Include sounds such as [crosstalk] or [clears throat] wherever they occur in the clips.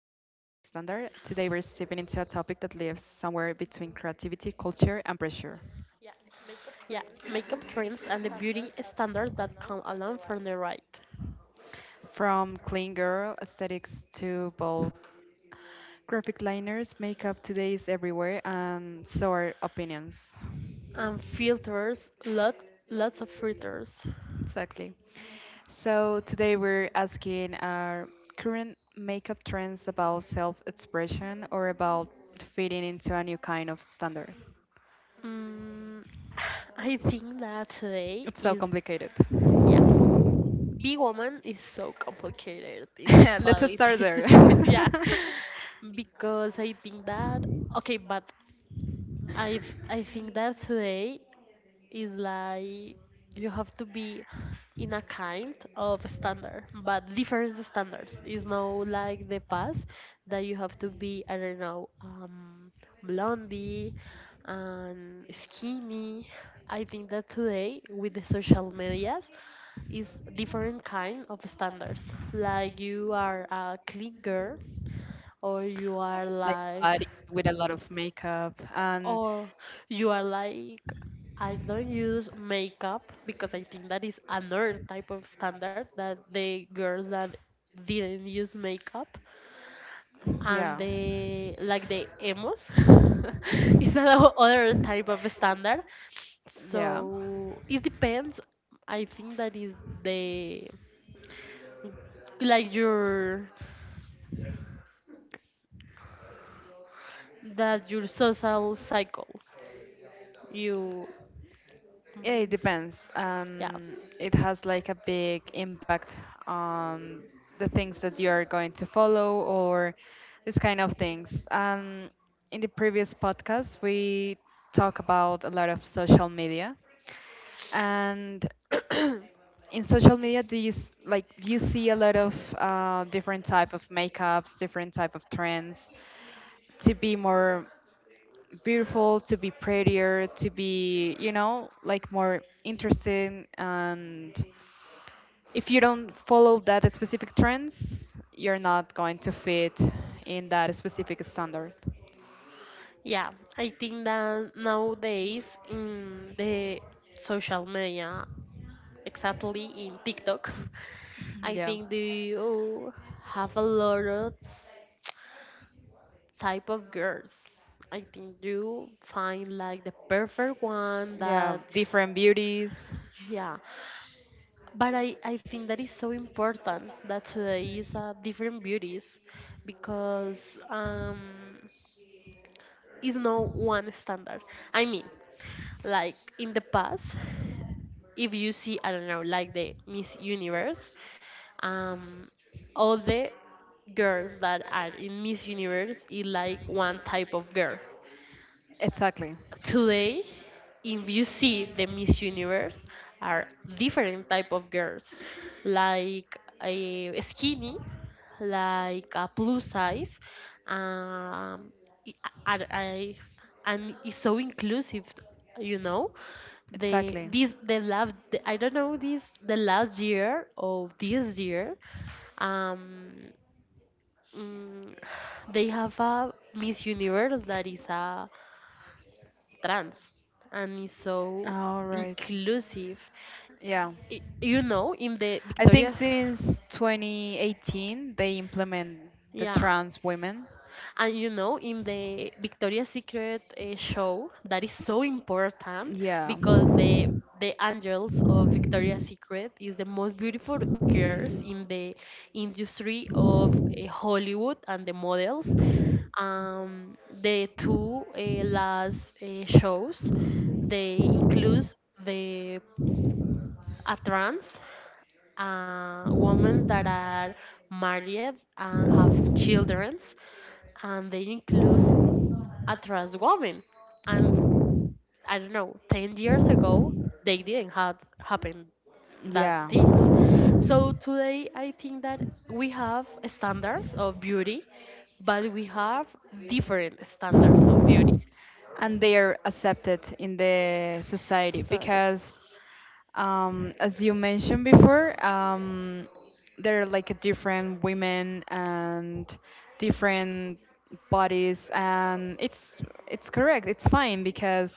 Today, we're stepping into a topic that lives somewhere between creativity, culture, and pressure. Yeah, makeup trends and the beauty standards that come along from the right. From clean girl aesthetics to bold graphic liners, makeup today is everywhere, and so are opinions. And filters, lots of filters. Exactly. So, today, we're asking our current makeup trends about self expression or about fitting into a new kind of standard. Mm, [sighs] I think that today It's so is, complicated. yeah, be woman is so complicated in [laughs] Let's start actuality. there. [laughs] yeah, [laughs] because I think that, okay, but I think that today is like you have to be in a kind of standard, but different standards. It's not like the past that you have to be, I don't know, blondie and skinny. I think that today with the social medias is different kind of standards. Like you are a clean girl or you are Like like body with a lot of makeup and or you are like I don't use makeup, because I think that is another type of standard, that the girls that didn't use makeup and yeah. the like the emos [laughs] is another type of standard, Yeah, so it depends. I think that is the like your that your social cycle you yeah, mm, it s- depends. yeah. It has like a big impact on the things that you are going to follow or this kind of things. In the previous podcast, we talk about a lot of social media, and in social media do you like you see a lot of different type of makeups, different type of trends to be more beautiful, to be prettier, to be, you know, like more interesting. And if you don't follow that specific trends, you're not going to fit in that specific standard. Yeah, I think that nowadays in the social media, exactly in TikTok, [laughs] [laughs] I Yeah, think you have a lot of type of girls. I think you find like the perfect one yeah, that different beauties. yeah. But I think that is so important that today is different beauties, because is no one standard. I mean, like in the past if you see I don't know like the Miss Universe, um all the girls that are in Miss Universe is like one type of girl. Exactly, Today if you see the Miss Universe are different type of girls, like a skinny, like a plus size, um i- and, I- and it's so inclusive, you know. The exactly. this the last the, I don't know, this the last year of this year, um mm, they have a Miss Universe that is a trans and is so All right. inclusive. Yeah. You know, in the I think Victoria, since 2018 they implement yeah, trans women. and And you know, in the Victoria's Secret show, that is so important, yeah. because the angels of Victoria's Secret is the most beautiful girls in the industry of Hollywood and the models. Um, the two last shows they include the a trans women that are married and have children, and they include a trans woman. And I don't know, 10 years ago they didn't have happen that Yeah, things. So today I think that we have standards of beauty, but we have different standards of beauty, and they are accepted in the society so because, as you mentioned before, there are like different women and different bodies, and it's correct. It's fine because,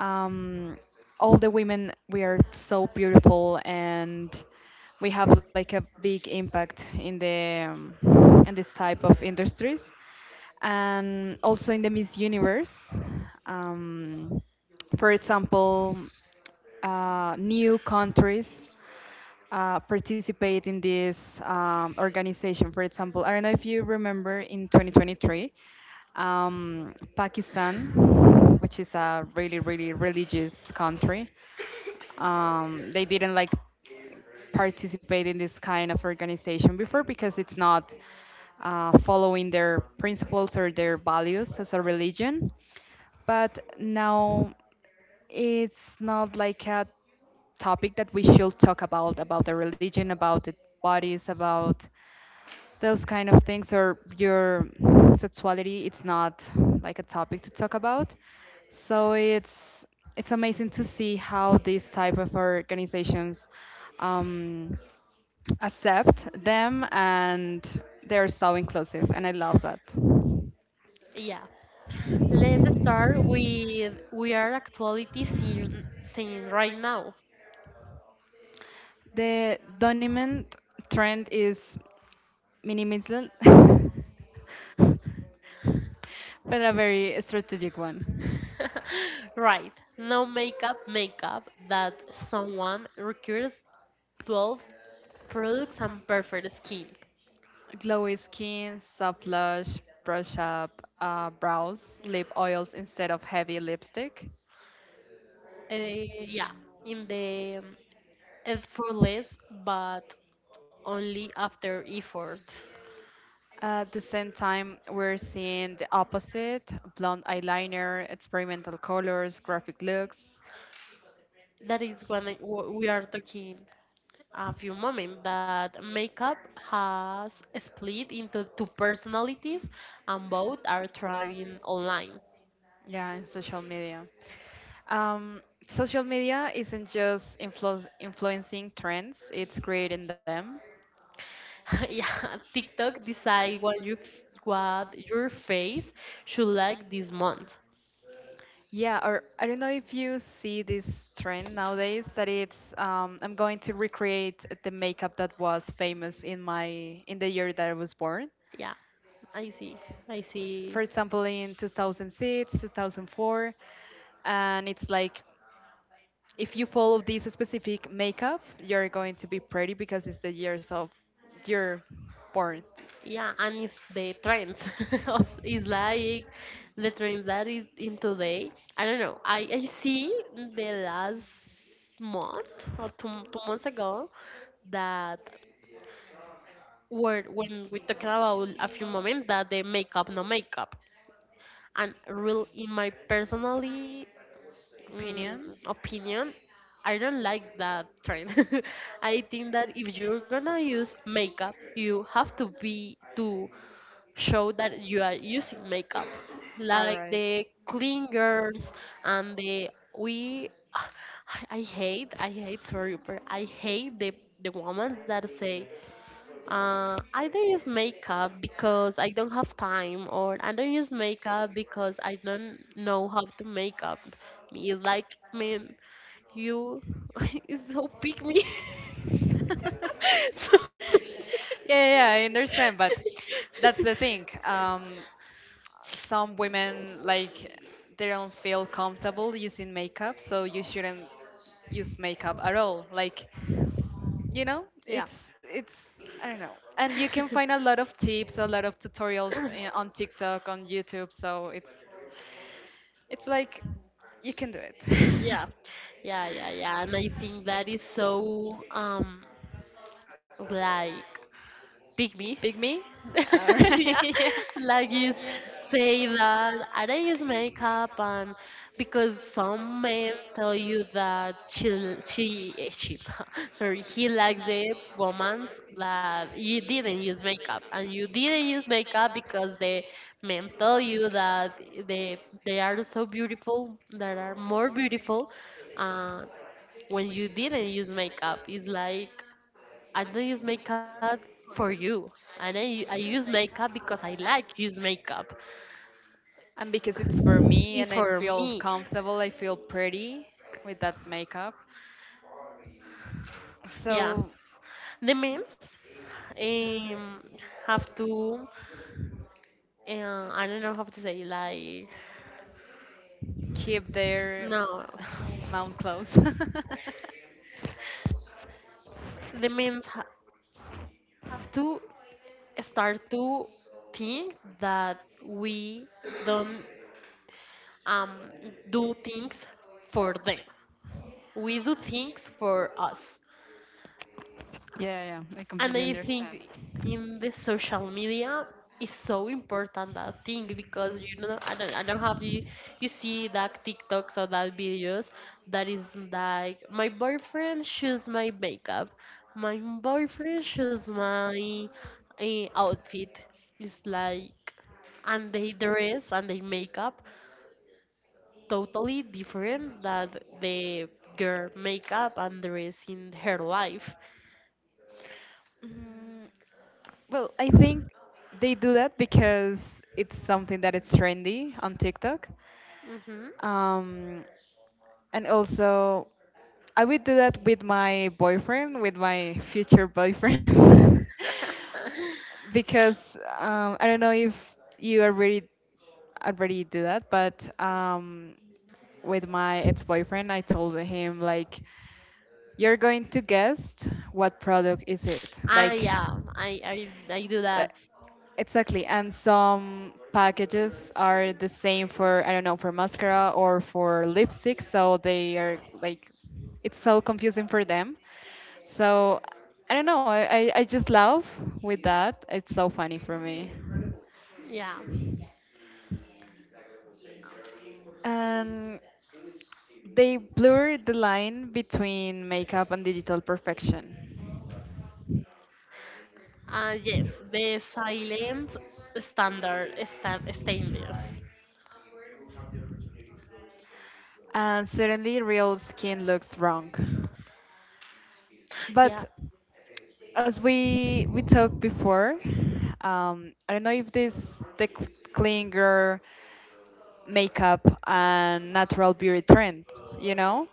um, all the women, we are so beautiful and we have like a big impact in the, in this type of industries, and also in the Miss Universe. Um, for example, new countries participate in this organization. For example, I don't know if you remember in 2023, Pakistan, which is a really, really religious country, they didn't like participate in this kind of organization before because it's not following their principles or their values as a religion. But now it's not like a topic that we should talk about the religion, about the bodies, about those kind of things, or your sexuality. It's not like a topic to talk about. So it's amazing to see how these type of organizations, um, accept them, and they're so inclusive, and I love that. yeah. Let's start with we are actually seeing right now. The dominant trend is minimalism, [laughs] but a very strategic one. [laughs] Right. No makeup makeup that someone requires 12 products and perfect skin. Glowy skin, soft blush, brush up brows, lip oils instead of heavy lipstick. Yeah, in the effortless, but only after effort. At the same time, we're seeing the opposite: blonde eyeliner, experimental colors, graphic looks. That is when we are talking a few moments that makeup has split into two personalities, and both are thriving online. Yeah, in social media. Um, Social media isn't just influencing trends, it's creating them. [laughs] Yeah, TikTok decide what you what your face should like this month. Yeah, or I don't know if you see this trend nowadays that it's, I'm going to recreate the makeup that was famous in my, in the year that I was born. Yeah, I see. I see. For example, in 2006, 2004, and it's like if you follow this specific makeup, you're going to be pretty because it's the years of your born Yeah, and it's the trends. [laughs] It's like the trend that is in today. I don't know. I see the last month or two months ago that were when we talking about a few moments that the makeup no makeup and real in my personally mm, opinion. opinion, I don't like that trend. [laughs] I think that if you're gonna use makeup, you have to be to show that you are using makeup, like All right. the clean girls and the we. [sighs] I I hate, sorry, but I hate the women that say I don't use makeup because I don't have time, or I don't use makeup because I don't know how to make up. Me like, man, you [laughs] is so pick me. [laughs] [laughs] So, yeah, yeah, I understand, but [laughs] that's the thing. Some women like they don't feel comfortable using makeup, so you shouldn't use makeup at all. Like, you know, yeah. it's I don't know. And you can [coughs] find a lot of tips, a lot of tutorials on TikTok, on YouTube. So it's like you can do it. Yeah, yeah, yeah, yeah, and I think that is so like pick [laughs] me. Pick me. All [laughs] Yeah, right. [laughs] like you say that I don't use makeup, and because some men tell you that she [laughs] sorry he likes the romance that you didn't use makeup, and you didn't use makeup because the men tell you that they they are so beautiful, that are more beautiful, uh, when you didn't use makeup. It's like I don't use makeup for you. And I use makeup because I like use makeup. And because it's for me It's and I for feel me. comfortable, I feel pretty with that makeup. Yeah. So The men's um, have to, I don't know how to say, like, keep their no. [laughs] mouth closed. [laughs] The men's ha- have to start to think that we don't um, do things for them. We do things for us. Yeah, yeah, yeah, I And I And think in the social media is so important that thing, because you know I don't have you you see that TikToks or that videos that is like my boyfriend choose my makeup, my boyfriend choose my outfit. It's like and they dress and they makeup totally different that the girl makeup and dress in her life. mm, well, I think they do that because it's something that it's trendy on TikTok. Hmm. Um, And also, I would do that with my boyfriend, with my future boyfriend. [laughs] [laughs] Because, I don't know if you already do that, but, with my ex-boyfriend, I told him like you're going to guess what product is it. Ah, Like yeah, I do li- that. exactly. And some packages are the same for, I don't know, for mascara or for lipstick, so they are like it's so confusing for them. So I don't know, I just laugh with that. It's so funny for me. Yeah. And they blur the line between makeup and digital perfection. Yes, the silent standards. And suddenly real skin looks wrong. Yeah, But as we talked before, I don't know if this the clinger makeup and natural beauty trend, you know,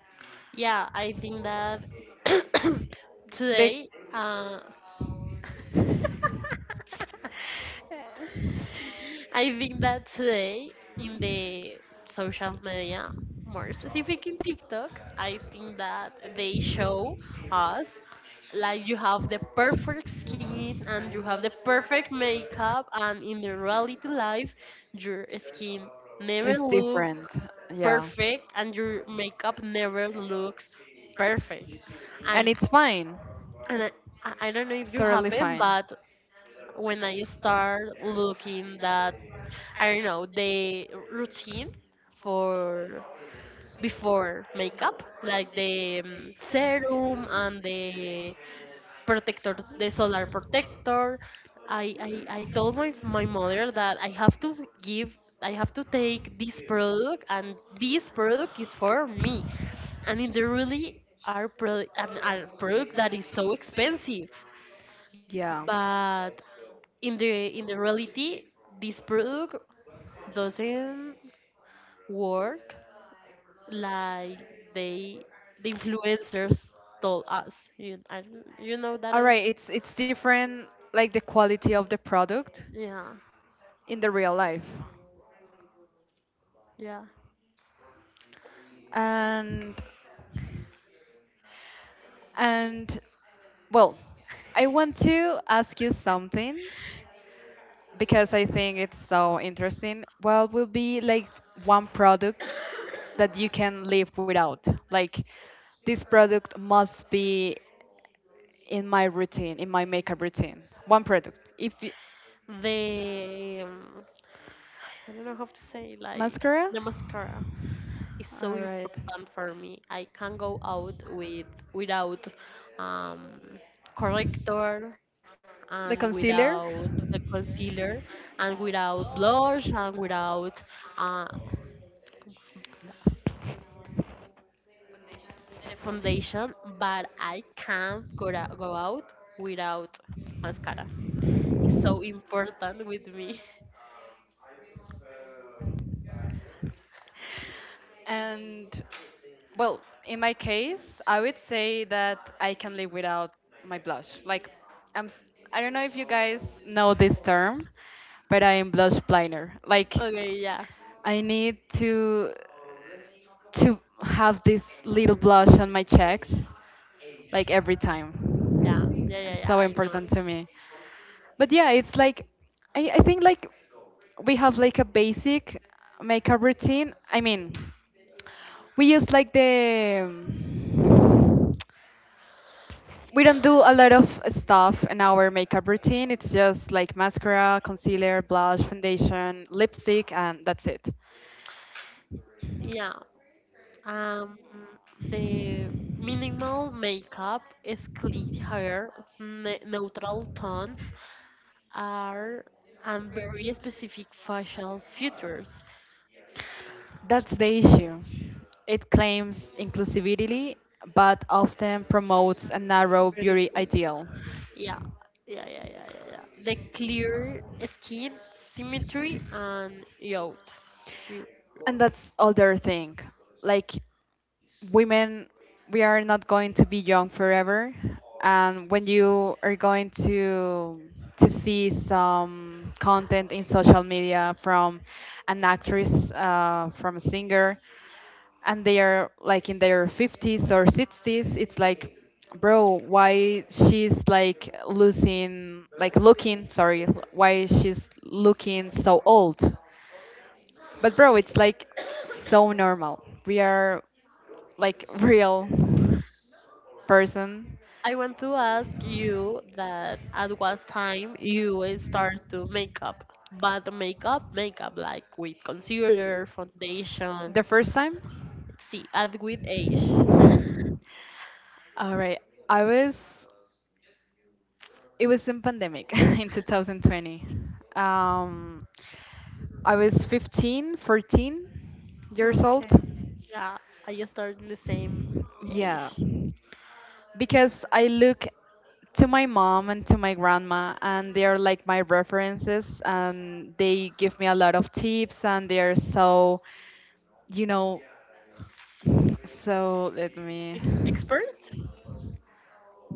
yeah, I think that [coughs] they today, I think that today in the social media, more specific in TikTok, I think that they show us like you have the perfect skin and you have the perfect makeup, and in the reality life your skin never it's look different. Yeah, perfect and your makeup never looks perfect. And and it's fine, and I, I don't know it's if you totally happen, fine. but when I start looking that I don't know, the routine for before makeup, like the serum and the protector, the solar protector. I told my mother that I have to give, I have to take this product, and this product is for me. And it really are pro- an a product that is so expensive, Yeah. but in the reality, this product doesn't work like they the influencers told us. You know that All I right, it's different like the quality of the product yeah in the real life. yeah. And and well, I want to ask you something because I think it's so interesting. What will be like one product that you can live without? Like this product must be in my routine, in my makeup routine. One product. If y The I don't know how to say like mascara, the mascara is so all right. important for me. I can't go out with without um, corrector and The without concealer. the concealer and without blush and without uh, the foundation, but I can't go out without mascara. It's so important with me. And well, in my case, I would say that I can live without my blush. Like, I'm. s- I don't know if you guys know this term, but I am blush blinder. [laughs] Like, Okay, yeah, I need to have this little blush on my cheeks like every time. yeah, yeah, yeah, And yeah. so I know. important to me. But yeah, it's like I think like we have like a basic makeup routine. I mean, we use like the we don't do a lot of stuff in our makeup routine. It's just like mascara, concealer, blush, foundation, lipstick, and that's it. Yeah. Um, the minimal makeup is clean hair, neutral tones are, and very specific facial features. That's the issue. It claims inclusivity, but often promotes a narrow beauty Beautiful. ideal. Yeah, yeah, yeah, yeah, yeah, yeah. The clear skin, symmetry, and youth. You- And that's other thing. Like women, we are not going to be young forever. And when you are going to see some content in social media from an actress, from a singer, and they are like in their 50s or 60s, it's like bro, why she's like losing, like looking, sorry, why she's looking so old. But bro, it's like so normal, we are like real person I want to ask you that at what time you start to makeup, but makeup, makeup like with concealer, foundation. the first time. See, at with age. [laughs] All right. I was it was in pandemic [laughs] in 2020. Um, I was 15, 14 years old. Okay. Yeah, I start in the same Yeah, age. because I look to my mom and to my grandma, and they are like my references, and they give me a lot of tips, and they are so, you know, so let me Ex- Expert?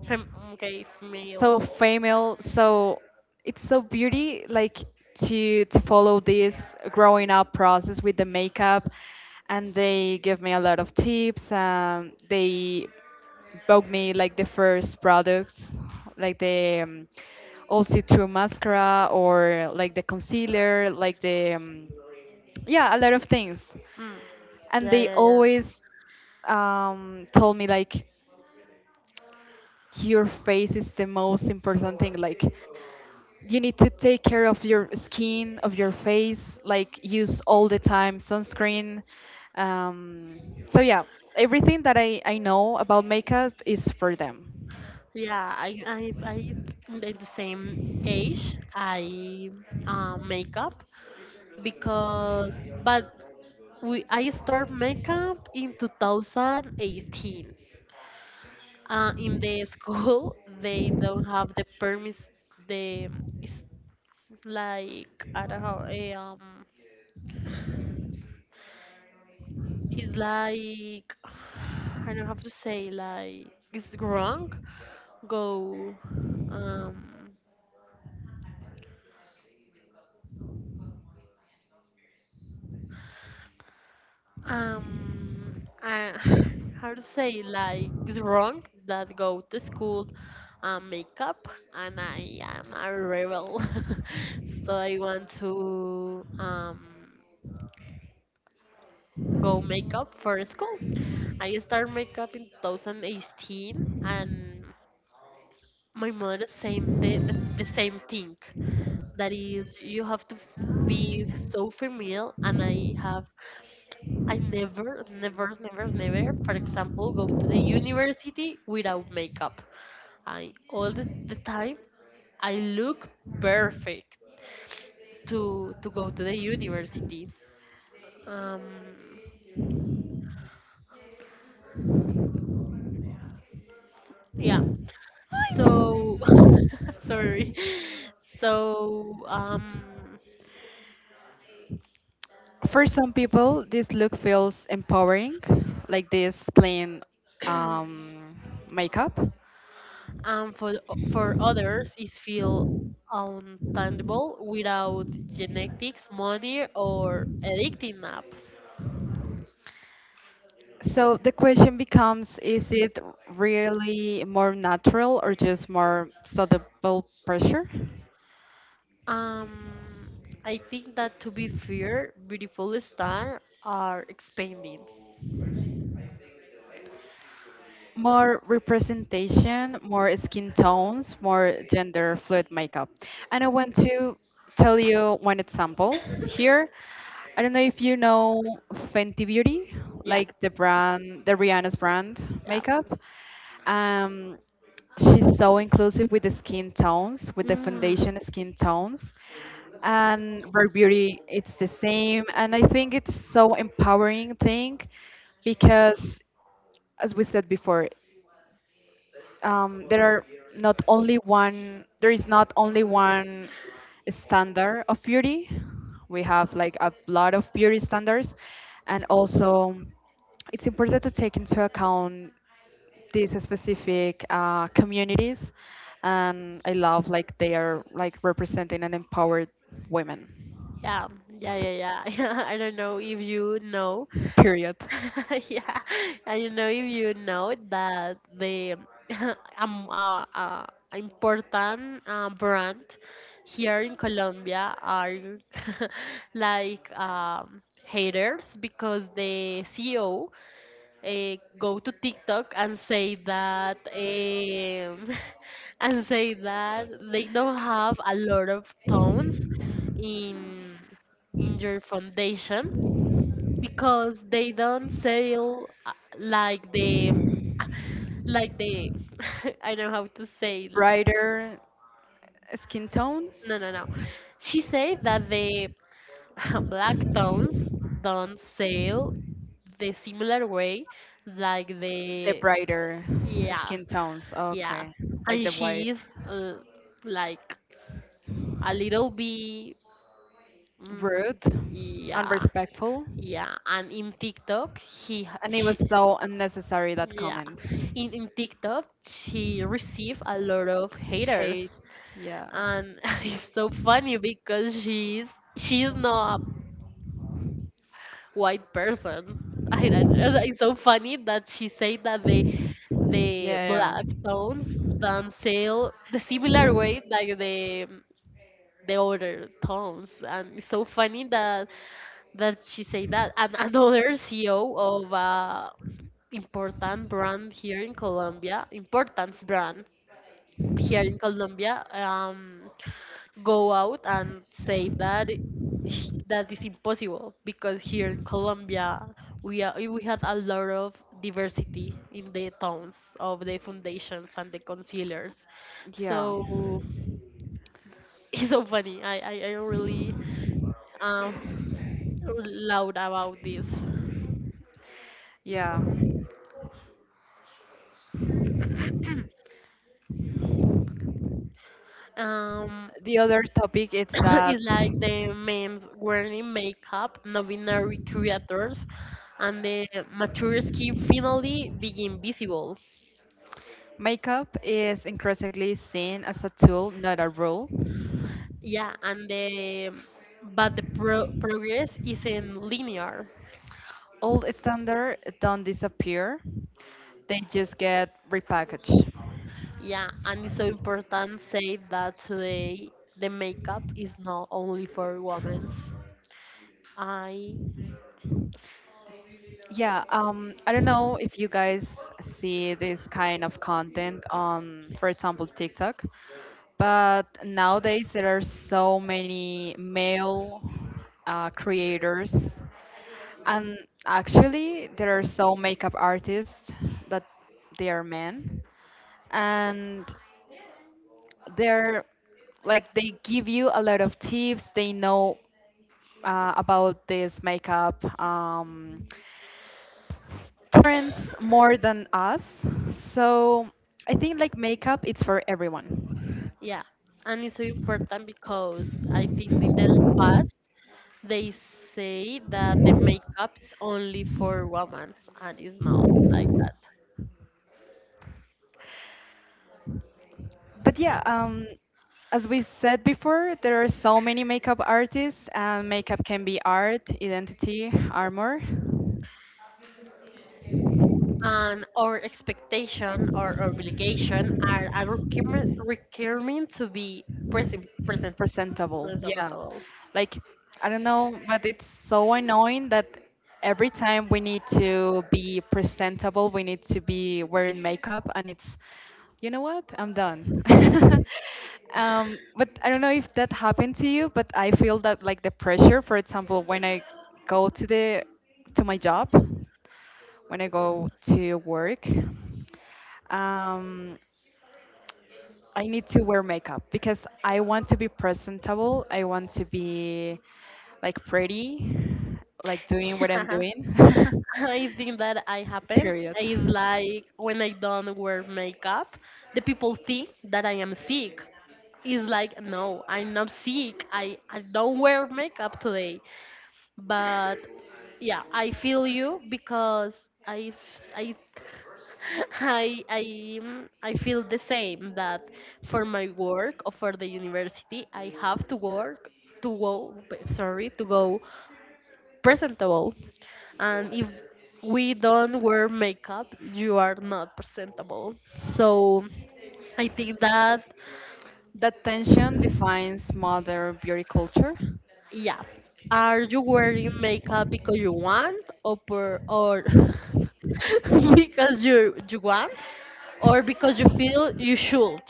Fem okay, female. so female, so it's so beauty like to follow this growing up process with the makeup. And they give me a lot of tips, they bought me like the first products like the, all see-through mascara, or like the concealer, like the, yeah, a lot of things. Mm. And Yeah, they yeah, yeah. always told me like your face is the most important thing. Like you need to take care of your skin, of your face, like use all the time sunscreen. Um, so yeah, everything that I know about makeup is for them. Yeah, I at the same age I makeup because but we I start makeup in 2018. In the school [laughs] they don't have the permit the it's like I don't know it's like [sighs] I don't have to say like it's wrong go um um uh, [laughs] how to say like it's wrong that go to school makeup, and I am a rebel [laughs] so I want to go makeup for school. I start makeup in 2018, and my mother same the same thing, that is you have to be so female. And I have I never, never, never, never, for example, go to the university without makeup. I all the time I look perfect to go to the university. Um, yeah. So [laughs] sorry. So For some people, this look feels empowering, like this plain, [clears throat] um, makeup. and for for others is feel untenable without genetics, money, or addicting apps. So the question becomes, is it really more natural or just more subtle pressure? Um, I think that to be fair, beautiful stars are expanding. More representation, more skin tones, more gender fluid makeup. And I want to tell you one example here. I don't know if you know Fenty Beauty, Yeah, like the brand, the Rihanna's brand yeah. makeup. Um, she's so inclusive with the skin tones, with the Mm, foundation skin tones. And Rare Beauty, it's the same. And I think it's so empowering thing because, as we said before, there are not only one there is not only one standard of beauty. We have like a lot of beauty standards, and also it's important to take into account these specific communities. And I love like they are like representing and empowered women, yeah, yeah, yeah, yeah. [laughs] I don't know if you know. period. [laughs] Yeah, I don't know if you know that the [laughs] um, uh, uh, important brand here in Colombia are [laughs] like haters, because the CEO go to TikTok and say that [laughs] and say that they don't have a lot of tones in in your foundation, because they don't sell like the like the [laughs] I don't know how to say Brighter skin tones, no, no, no, she said that the [laughs] black tones don't sell the similar way like the the brighter yeah. skin tones. Yeah, Okay, like and the she white. is like a little bit, mm, Rude, yeah, unrespectful, yeah. And in TikTok, and it was she so unnecessary that yeah, comment. In TikTok she received a lot of Hate, haters, yeah. and [laughs] it's so funny because she's not a white person. I don't, [laughs] it's so funny that she said that they the Yeah, yeah. black tones don't sell the similar way like the other towns. And it's so funny that that she say that, and another [laughs] CEO of a important brand here in Colombia importance brand here in Colombia, go out and say that that is impossible, because here in Yeah. Colombia we had a lot of diversity in the towns of the foundations and the concealers, Yeah, so [laughs] it's so funny. I really um, loud about this. yeah. Um, The other topic [coughs] is [clears throat] that it's like the men's wearing makeup, non-binary creators, and the mature skin finally being visible. makeup is increasingly seen as a tool, not a rule. Yeah, and the but the progress isn't linear. Old standards don't disappear; they just get repackaged. Yeah, and it's so important say that today the makeup is not only for women's. I s- Yeah, I don't know if you guys see this kind of content on, for example, TikTok. But nowadays there are so many male creators, and actually there are so makeup artists that they are men, and they're like they give you a lot of tips. They know about this makeup, trends more than us. So I think like makeup, it's for everyone. yeah, and it's so important because I think in the past they say that the makeup is only for women, and it's not like that. But yeah, as we said before, there are so many makeup artists, and makeup can be art, identity, armor, And our expectation or obligation are a requirement to be presentable. Yeah. presentable. Like, I don't know, but it's so annoying that every time we need to be presentable, we need to be wearing makeup, and it's, you know what? I'm done. [laughs] But I don't know if that happened to you, but I feel that like the pressure, for example, when I go to the to my job, when I go to work. Um, I need to wear makeup because I want to be presentable. I want to be like pretty, like doing what I'm [laughs] doing. [laughs] I think that I happen Period. is like when I don't wear makeup, the people think that I am sick. It's like no, I'm not sick. I don't wear makeup today. But yeah, I feel you because I [laughs] I I feel the same that for my work or for the university I have to work to go, sorry, to go presentable, and if we don't wear makeup you are not presentable. So I think that. That tension defines modern beauty culture. Yeah. Are you wearing makeup because you want or [laughs] because you want or because you feel you should?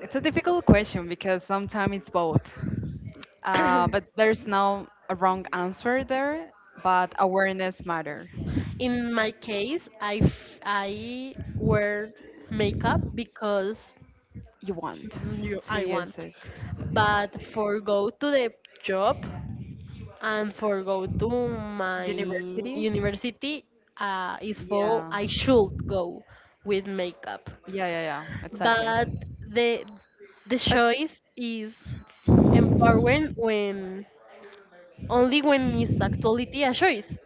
It's a difficult question because sometimes it's both. But there's no a wrong answer there, but awareness matter. In my case, I wear makeup because You want you, to I use want. it. But for go to the job and for go to my The university? university, is full, Yeah. I should go with makeup. Yeah, yeah, yeah, But exactly. the the But choice is empowering when only when it's actuality a choice.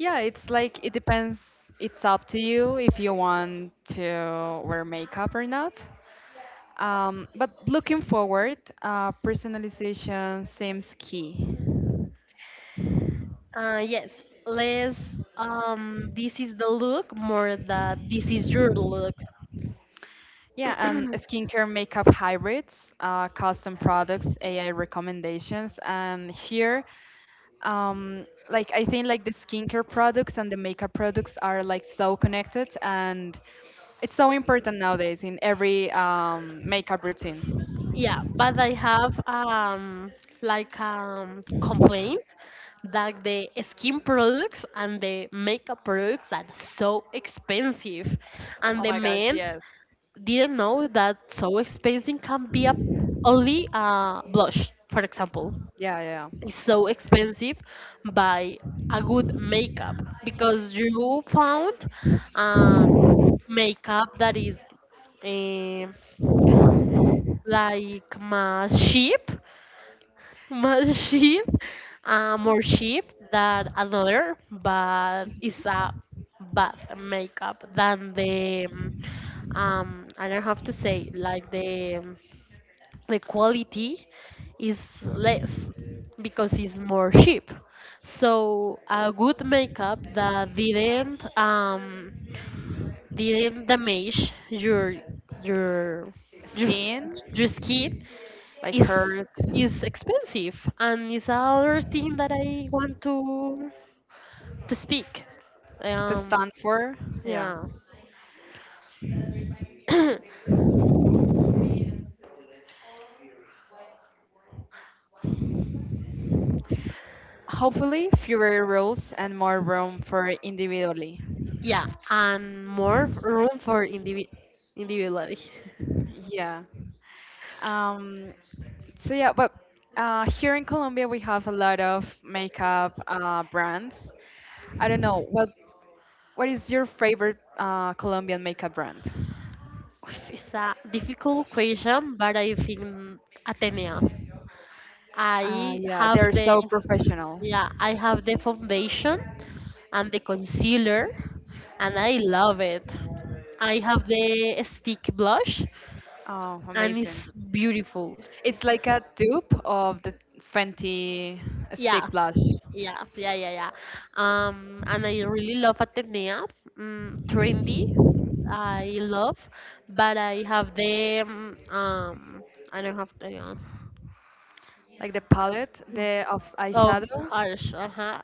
yeah, it's like it depends. It's up to you if you want to wear makeup or not. But looking forward, personalization seems key. Yes, less, this is the look more that this is your look. Yeah, and skincare, makeup hybrids, custom products, AI recommendations, and here, um, like I think like the skincare products and the makeup products are like so connected, and it's so important nowadays in every, um, makeup routine. Yeah, but I have like complaint that the skin products and the makeup products are so expensive, and Oh the my gosh, men's yes. didn't know that so expensive can be a, only a blush, for example. Yeah, yeah. It's so expensive by a good makeup because you found, um, makeup that is um like más cheap, [laughs] más cheap, more cheap than another, but it's a Mhm. bad makeup than the I don't have to say like the quality is less because it's more cheap. So a good makeup that didn't damage your your, f- Skin your skin like is hurt is expensive, and it's another thing that I want to speak. to Um stand for. Yeah, yeah. [coughs] hopefully fewer rules and more room for individually. Yeah, and more room for individuality. Yeah. Um, so yeah, but here in Colombia we have a lot of makeup brands. I don't know what is your favorite Colombian makeup brand? It's a difficult question, but I think Atenea. I Yeah, have they're the, so professional. yeah, I have the foundation and the concealer, and I love it. I have the stick blush, Oh, and amazing! it's beautiful. It's like a dupe of the Fenty Yeah, stick blush, yeah, yeah, yeah, yeah. And I really love Atenea. Mm, trendy, I love, but I have the I don't have the, like the palette, the of of eyeshadow. Harsh. Uh-huh.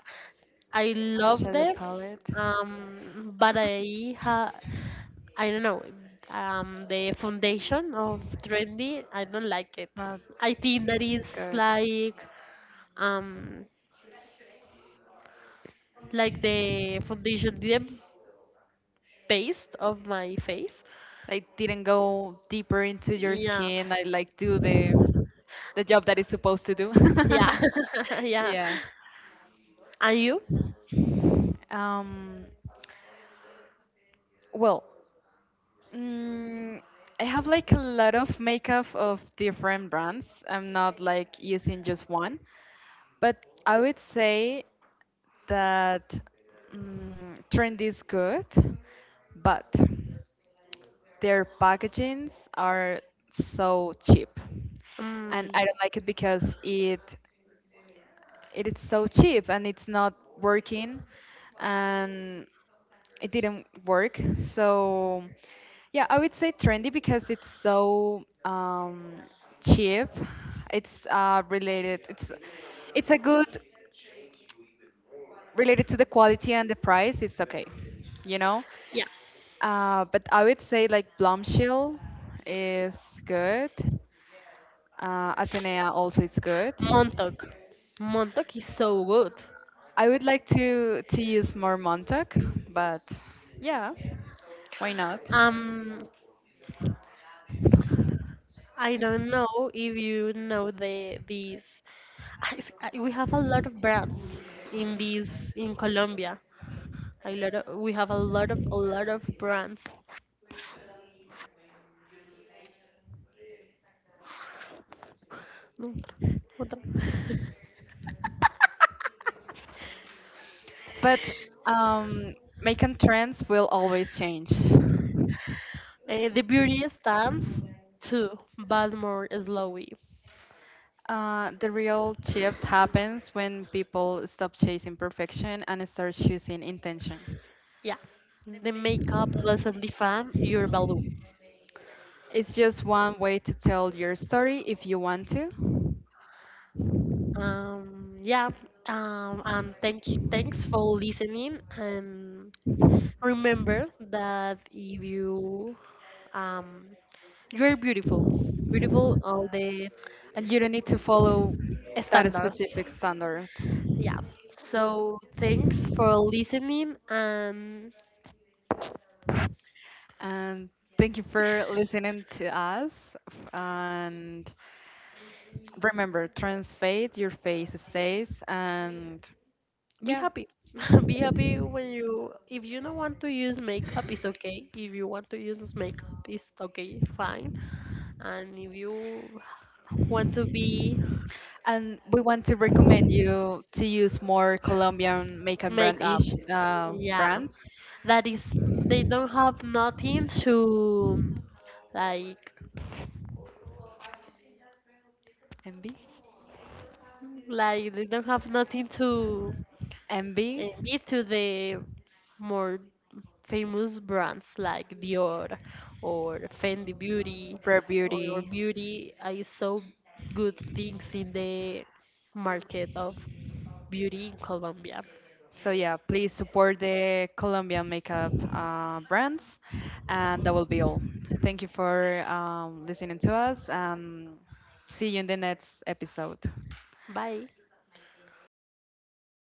I love Shadow them, palette. [laughs] But I don't know, the foundation of trendy. I don't like it. Not I think that is good. like, um, like the foundation didn't paste of my face. Like didn't go deeper into your Yeah, skin, I like do the job that it's supposed to do. yeah, [laughs] [laughs] yeah. Yeah. And you? Um, well, mm, I have like a lot of makeup of different brands. I'm not like using just one, but I would say that, mm, trend is good, but their packagings are so cheap, and Um, I don't like it because it is so cheap and it's not working, and it didn't work. So yeah, I would say trendy because it's so, cheap. It's related. It's a good related to the quality and the price. It's okay, you know. yeah, But I would say like Blumshill is good. Atenea also is good. Montauk. Montauk is so good. I would like to use more Montauk, but yeah, why not? Um, I don't know if you know these we have a lot of brands in this in Colombia. A lot of, we have a lot of brands. No, otra, otra. [laughs] But, um, making trends will always change. Eh, the beauty stands too, but more slowly. The real shift happens when people stop chasing perfection and start choosing intention. Yeah, the makeup doesn't define your value. It's just one way to tell your story if you want to, Yeah. And thanks for listening. And remember that if you, um, you're beautiful, beautiful all the and you don't need to follow that standards. specific standard. Yeah. So thanks for listening and And thank you for listening to us. And remember, trans fade your face stays. And be yeah, happy. [laughs] Be happy when you, if you don't want to use makeup, it's okay. If you want to use makeup, it's okay, fine. And if you want to be and we want to recommend you to use more Colombian makeup brand makeup, ish yeah. brands. That is they don't have nothing to like MB, like they don't have nothing to, MB, be to the more famous brands like Dior or Fendi Beauty Rare or Beauty. Beauty. I saw good things in the market of beauty in Colombia. So yeah, please support the Colombian makeup brands, and that will be all. Thank you for, listening to us, and see you in the next episode. Bye.